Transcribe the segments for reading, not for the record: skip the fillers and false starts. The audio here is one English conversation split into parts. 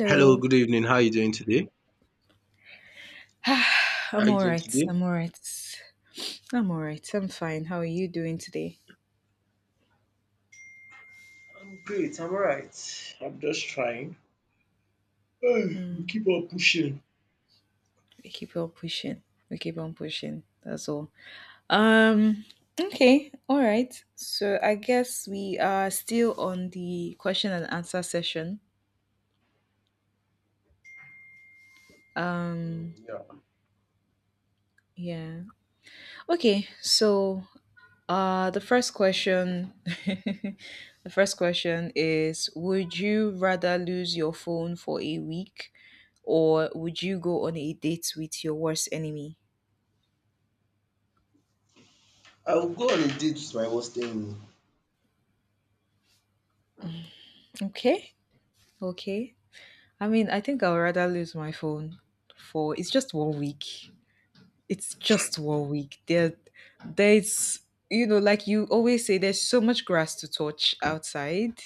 Hello, good evening. How are you doing today? How I'm are you all doing right. today? I'm all right. I'm fine. How are you doing today? I'm great. I'm alright. Mm, we keep on pushing. We keep on pushing. That's all. Um. Okay. All right. So I guess we are still on the question and answer session. Um. Yeah. Yeah. Okay. So the first question, the first question is, would you rather lose your phone for a week, or would you go on a date with your worst enemy? I will go on a date with my worst enemy. Okay. Okay. I mean, I think I would rather lose my phone for it's just 1 week. It's just 1 week. There's you know, like you always say, there's so much grass to touch outside.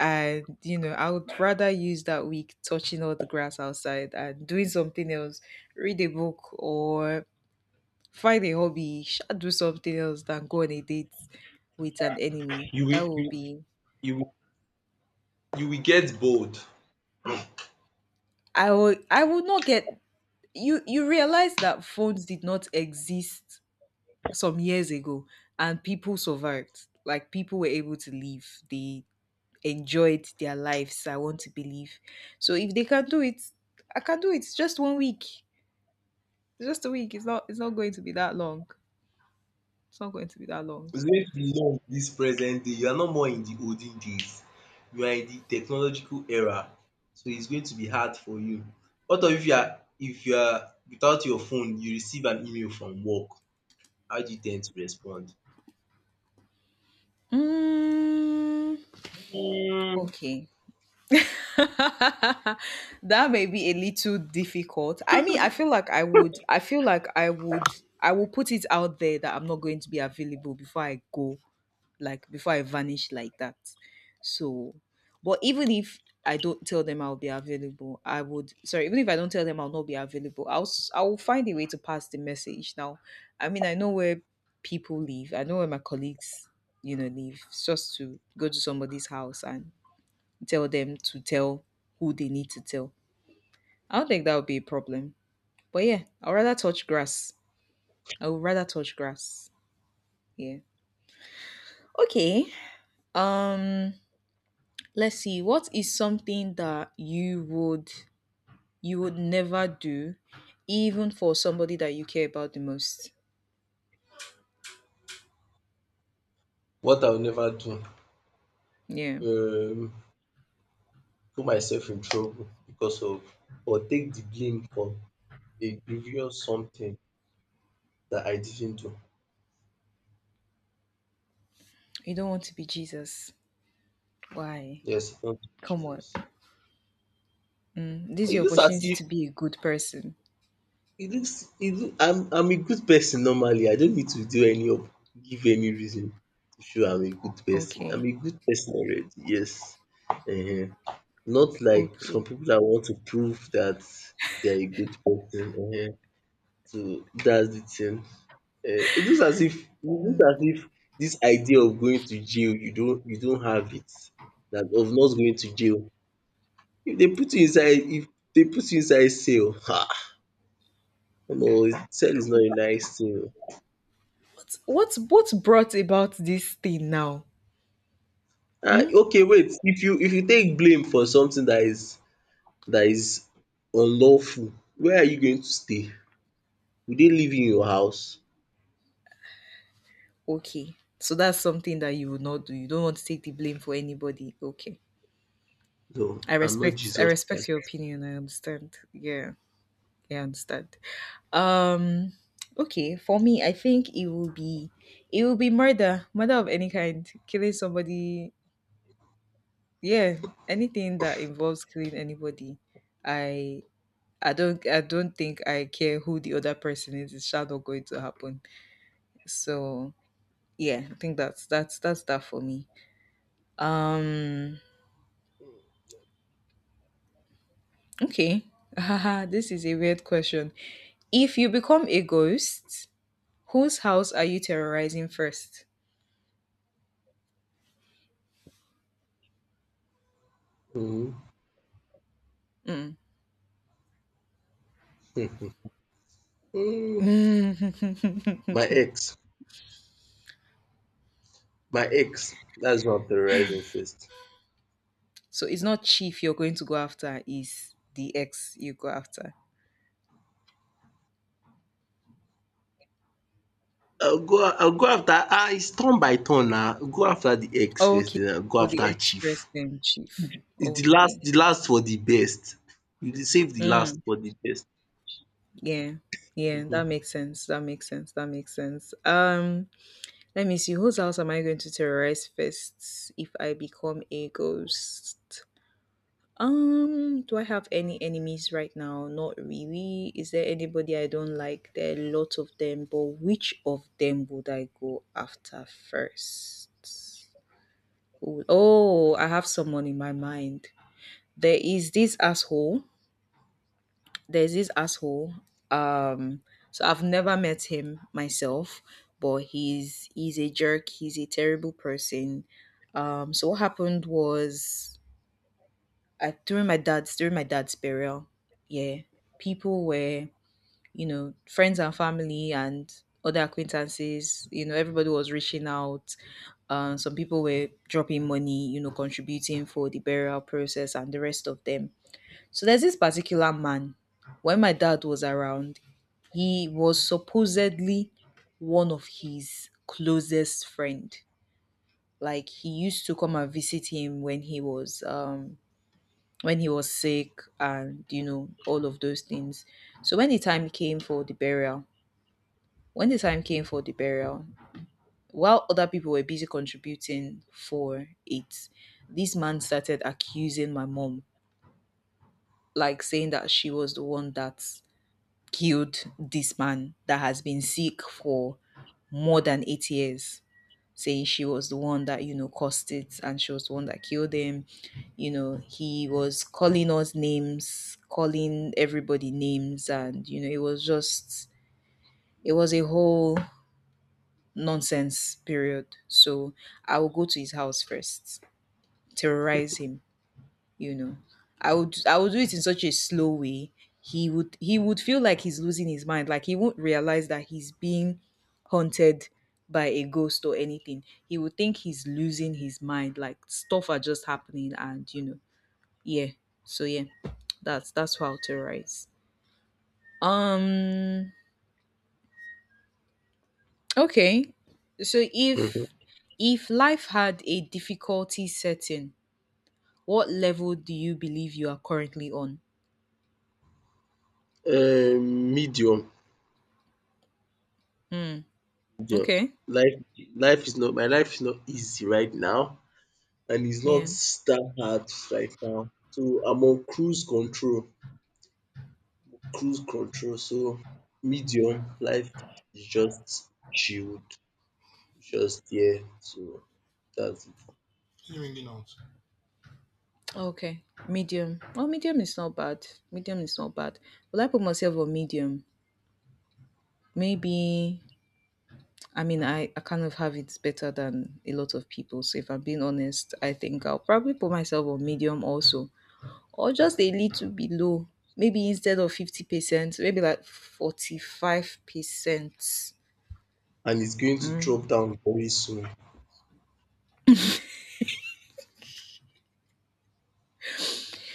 And you know, I would rather use that week touching all the grass outside and doing something else, read a book or find a hobby sha, do something else than go on a date with an enemy You will that will you, be, you will you will get bored. I would not get, you realize that phones did not exist some years ago, and people survived, like people were able to live, they enjoyed their lives, I want to believe. So if they can do it, I can do it. Just 1 week. It's just a week. It's not. It's not going to be that long. It's not going to be that long. It's going to be long this present day. You are not more in the olden days. You are in the technological era. So it's going to be hard for you. What of if you are without your phone, you receive an email from work. How do you tend to respond? Mm. Hmm. Okay. That may be a little difficult. I mean, I feel like I would. I feel like I would. I will put it out there that I'm not going to be available before I go, like before I vanish like that. So, but even if I don't tell them I'll be available, I would, sorry, even if I don't tell them I'll not be available, I will find a way to pass the message. Now, I mean, I know where people live. I know where my colleagues, you know, live. It's just to go to somebody's house and tell them to tell who they need to tell. I don't think that would be a problem. But yeah, I'd rather touch grass. I would rather touch grass. Yeah. Okay. Um Let's see. What is something that you would never do, even for somebody that you care about the most? What I'll never do. Yeah, Um Put myself in trouble because of or take the blame for a grievous something that I didn't do. you don't want to be Jesus. Why? Yes, thank you, Come on. Jesus. Mm, this is It your looks as opportunity if to be a good person. it looks it look, I'm a good person normally. I don't need to do any of give any reason to show I'm a good person. I'm Okay. a good person already, yes. uh Not like some Okay. people that want to prove that they're a good person. So that's the thing. It looks Mm. as if this idea of going to jail you don't have it, that of not going to jail. If they put you inside if they put you inside cell, ha, no, cell is not a What nice thing. what brought about this thing now? ah Mm? okay, wait, if you take blame for something that is that is unlawful, where are you going to stay? Will they live in your house? Okay. So that's something that you would not do. You don't want to take the blame for anybody. Okay. No, I I'm not respect I Jesus. respect your opinion. I understand. Yeah. Yeah, I understand. Um, okay, for me, I think it will be, it will be murder, murder of any kind, killing somebody. Yeah, anything that involves killing anybody. I I don't think I care who the other person is. It's sure not going to happen. So yeah, I think that's that for me. Um, okay. Haha, this is a weird question. If you become a ghost, whose house are you terrorizing first? um Hmm. my Mm. ex my ex, that's who I'm terrorizing first. So it's not chief you're going to go after, it's the ex you go after. I'll go after, ah, it's turn by turn now. Go after the ex first, Okay. then I'll go So the after ex first, chief. then chief. It's the last Okay. The last for the best. You dey save the last Mm, for the best. yeah. Yeah, that makes sense. That makes sense. That makes sense. Let me see. Whose house am I going to terrorize first if I become a ghost? Do I have any enemies right now? Not really. Is there anybody I don't like? There are lots of them, but which of them would I go after first? Who would- Oh, I have someone in my mind. There is this asshole. There's this asshole. Um, so I've never met him myself, but he's a jerk. He's a terrible person. So what happened was at during my dad's burial, yeah, people were, you know, friends and family and other acquaintances, you know, everybody was reaching out. Some people were dropping money, you know, contributing for the burial process and the rest of them. So there's this particular man. When my dad was around, he was supposedly one of his closest friend. Like he used to come and visit him when he was sick, and you know, all of those things. So when the time came for the burial, when the time came for the burial while other people were busy contributing for it, this man started accusing my mom, like saying that she was the one that killed this man that has been sick for more than 8 years, saying she was the one that, you know, caused it, and she was the one that killed him. You know, he was calling us names, calling everybody names, and you know, it was just, it was a whole nonsense period. So I will go to his house first, terrorize him, you know. I would do it in such a slow way. He would feel like he's losing his mind, like he won't realize that he's being haunted by a ghost or anything. He would think he's losing his mind, like stuff are just happening, and you know, yeah. So yeah, that's how to terrorize. um okay. So Mhm. if life had a difficulty setting, what level do you believe you are currently on? Medium. Hmm. Medium. Okay. Life life is not My life is not easy right now and it's not Yeah. that hard right now. So I'm on cruise control, so medium. Life is just chilled, just there, so that's — Okay. Medium. Well, medium is not bad. Medium is not bad. Will I put myself on medium? Maybe. I mean, I kind of have it better than a lot of people. So if I'm being honest, I think I'll probably put myself on medium also, or just a little below. Maybe instead of 50%, maybe like 45%. and it's going to Mm. drop down very soon.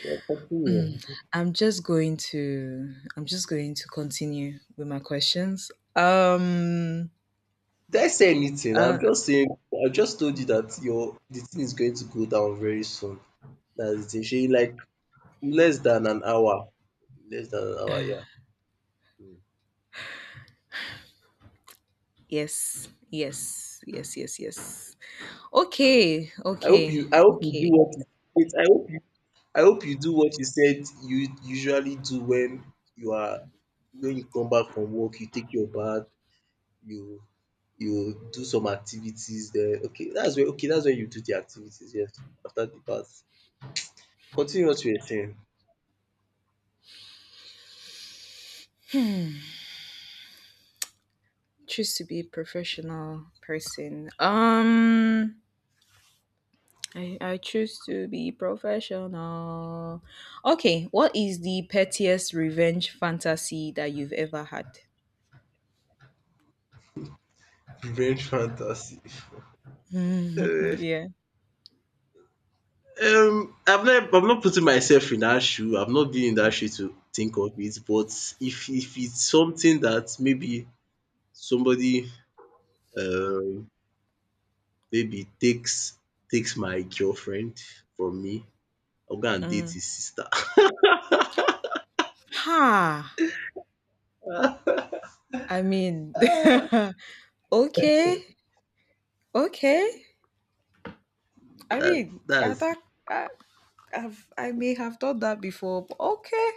Yeah, continue. I'm just going to continue with my questions. Did I say anything? uh, I'm just saying, I just told you that your the thing is going to go down very soon. That's the thing. Shey, like less than an hour. Less than an hour, yeah. Mm. Yes, yes, yes, yes, yes. Okay, okay, I hope you do okay. what you — wait, I hope you do what you said you usually do when you are, when you come back from work, you take your bath, you you do some activities there. Okay, that's where — okay, that's where you do the activities, yes. After the bath. Continue what you were saying. Choose to be a professional person. I choose to be professional. Okay, what is the pettiest revenge fantasy that you've ever had? Revenge fantasy. Eh, Yeah. I am not putting myself in that shoe. I've not been in that shoe to think of it. But if it's something that maybe somebody, um maybe takes my girlfriend from me, I'll go and date Mm. his sister. Ha! I mean, okay, okay. I that mean, I, that's thought, I, I've, I may have done that before, but okay.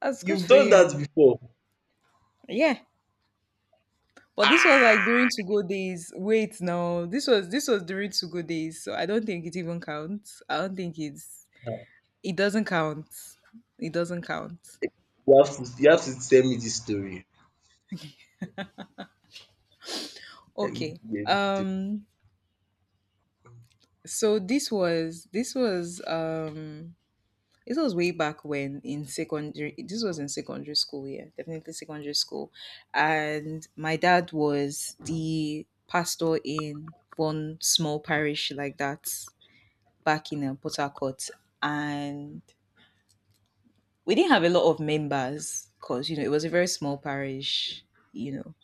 That's good you've for done you. that before. Yeah. But this was Ah, like during to go days. Wait, no. This was during to go days. So I don't think it even counts. I don't think it's it doesn't count. It doesn't count. you have to — you have to tell me this story. Let me Okay. hear this story. Um so this was way back when in secondary, this was in secondary school, yeah. Definitely secondary school. And my dad was the pastor in one small parish like that back in Port Harcourt, and we didn't have a lot of members because you know, it was a very small parish, you know.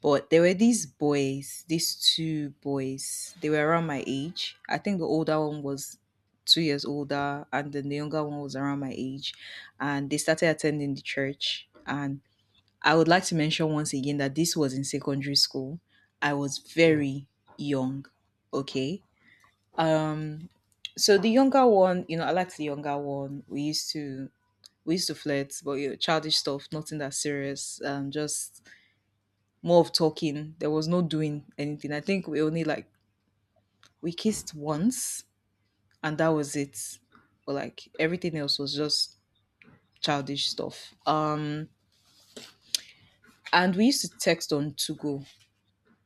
But there were these boys, these two boys. They were around my age. I think the older one was 2 years older, and then the younger one was around my age, and they started attending the church. And I would like to mention once again that this was in secondary school. I was very young, okay? Um, so the younger one, you know, I liked the younger one. We used to flirt, but you know, childish stuff, nothing that serious. Just more of talking. There was no doing anything. I think we only like, we kissed once, and that was it. But like everything else was just childish stuff. And we used to text on Tugo.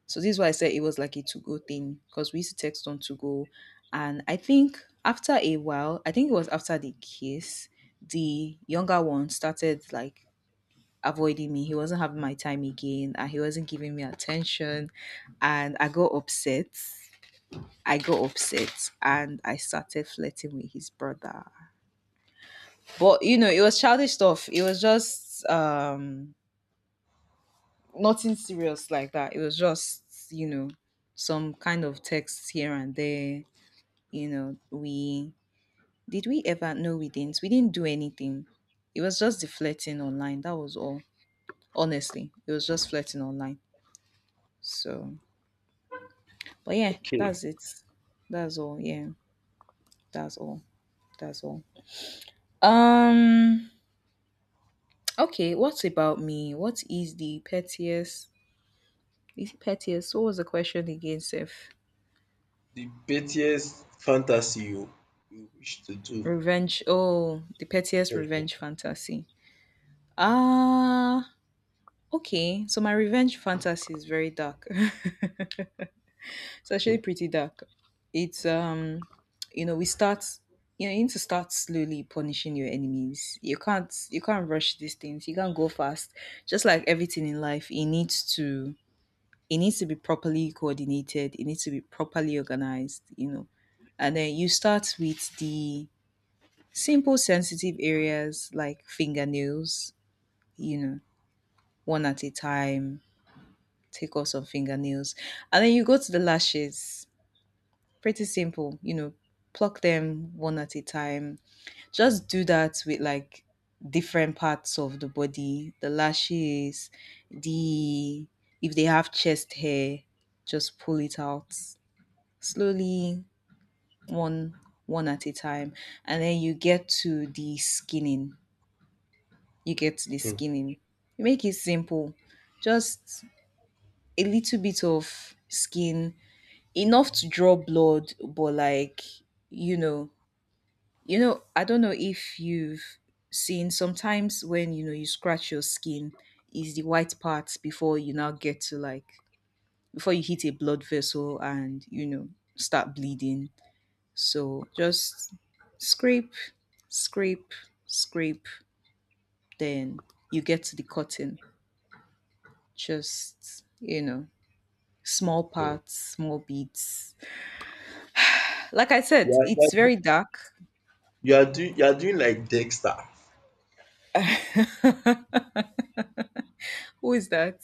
So this is why I said it was like a to go thing, because we used to text on to go. And I think after a while, I think it was after the kiss, the younger one started like avoiding me. He wasn't having my time again, and he wasn't giving me attention. And I got upset. I got upset and I started flirting with his brother. But you know, it was childish stuff. It was just nothing serious like that. It was just, you know, some kind of texts here and there. You know, we, did we ever, no we didn't. We didn't do anything. It was just the flirting online. That was all. Honestly. It was just flirting online. So but yeah, Okay. that's it. That's all. Yeah. That's all. That's all. Um okay, what about me? What is the pettiest is it pettiest? What was the question again, Seth? The pettiest fantasy you, you wish to do. Revenge, oh, the pettiest revenge Mhm. fantasy. Ah, okay. So my revenge fantasy is very dark. It's actually pretty dark. It's you know, we start. You know, you need to start slowly punishing your enemies. You can't rush these things. You can't go fast. Just like everything in life, it needs to be properly coordinated. It needs to be properly organized. You know, and then you start with the simple sensitive areas like fingernails. You know, one at a time. Take off some fingernails, and then you go to the lashes. Pretty simple, you know, pluck them one at a time. Just do that with like different parts of the body, the lashes, the, if they have chest hair, just pull it out slowly, one one at a time. And then you get to the skinning. You get to the skinning. You make it simple. Just a little bit of skin, enough to draw blood, but like, you know, I don't know if you've seen sometimes when, you know, you scratch your skin, is the white part before you now get to, like, before you hit a blood vessel and, you know, start bleeding. So just scrape, scrape, scrape, then you get to the cotton. Just, you know, small parts, small beads. Like I said, You are it's you are very dark. You are doing like Dexter. Who is that?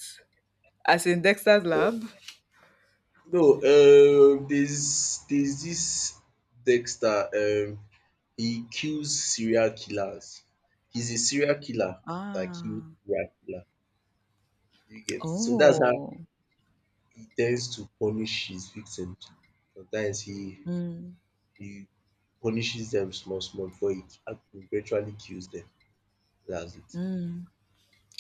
As in Dexter's lab. No, there's this Dexter. He kills serial killers. He's a serial killer that kills Ah. serial killer. Do you get? So that's how Oh. he tends to punish his victims. Sometimes Mm. he punishes them small small before he eventually kills them. That's it. Mm.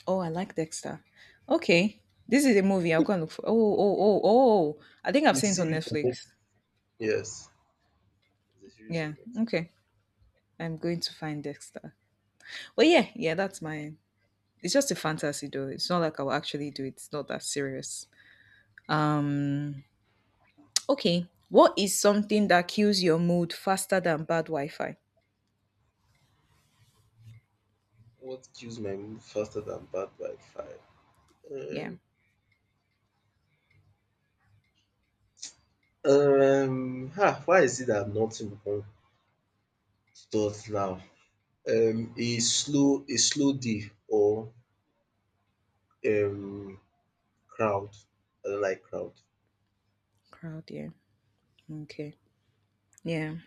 Oh, I like Dexter. Okay. This is a movie I'll go and look for. Oh, oh, oh, oh. I think I've The seen it on series on Netflix, Netflix. yes, the series on Yeah. Netflix. Okay. I'm going to find Dexter. But yeah, yeah, that's my, it's just a fantasy though. It's not like I will actually do it. It's not that serious. Um okay. What is something that kills your mood faster than bad Wi Fi? What kills my mood faster than Bad by Fire? Yeah. Um, why is it that nothing on starts now? A slow day, or um crowd. I don't like crowd. Crowd, yeah. Okay. Yeah.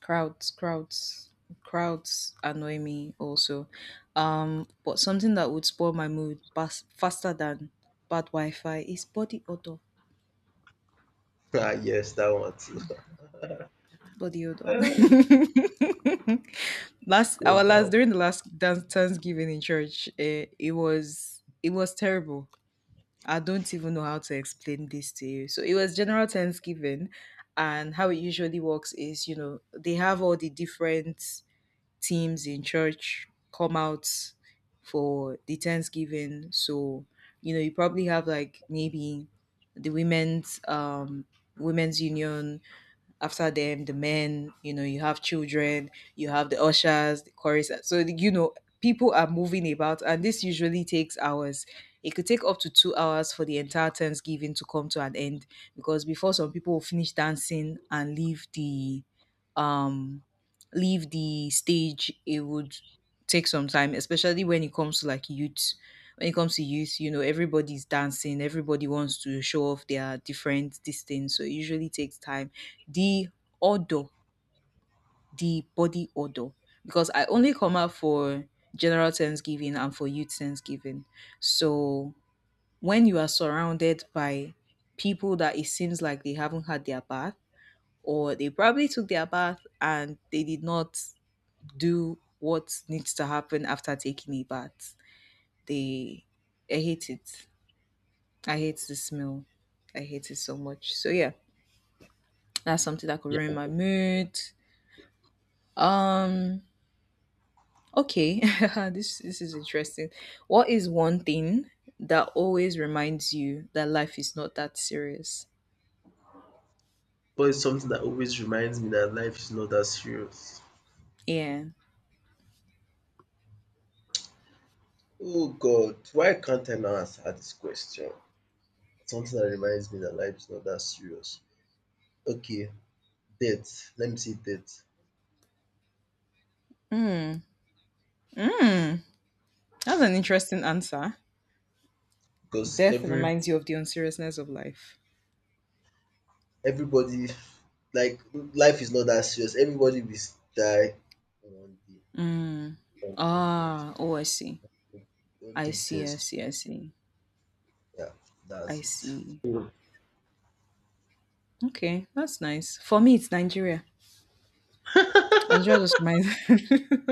Crowds, crowds, crowds annoy me also, but something that would spoil my mood faster than bad wi-fi is body odor. Ah, yes, that one too. Body odor. Um, Last, yes, our that last, one. during the last dance thanksgiving in church, eh, it was, it was terrible. I don't even know how to explain this to you. So it was general thanksgiving, and how it usually works is, you know, they have all the different teams in church come out for the Thanksgiving. So, you know, you probably have like maybe the women's, women's union, after them the men, you know, you have children, you have the ushers, the chorus, so, you know, people are moving about and this usually takes hours. It could take up to 2 hours for the entire thanksgiving to come to an end, because before some people will finish dancing and leave the, um leave the stage, it would take some time, especially when it comes to like youth. When it comes to youth, you know, everybody's dancing, everybody wants to show off their different this thing, so it usually takes time. The odor, the body odor, because I only come out for general Thanksgiving and for youth Thanksgiving. So when you are surrounded by people that it seems like they haven't had their bath, or they probably took their bath and they did not do what needs to happen after taking a bath, they, I hate it. I hate the smell. I hate it so much. So yeah, that's something that could Yeah. ruin my mood. Um Okay, this is interesting. What is one thing that always reminds you that life is not that serious? But it's something that always reminds me that life is not that serious. Yeah. Oh God, why can't I now answer this question? Something that reminds me that life is not that serious. Okay, debt. Let me say debt, Hmm. That's an interesting answer. because Death every, reminds you of the unseriousness of life. everybody, like, life is not that serious. Everybody will die one day. Mm. Sometimes. Ah, oh, I see. Don't I take see, I things — see, I see. yeah, I that's see. Okay, that's nice. For me, it's Nigeria. it. Nigeria just reminds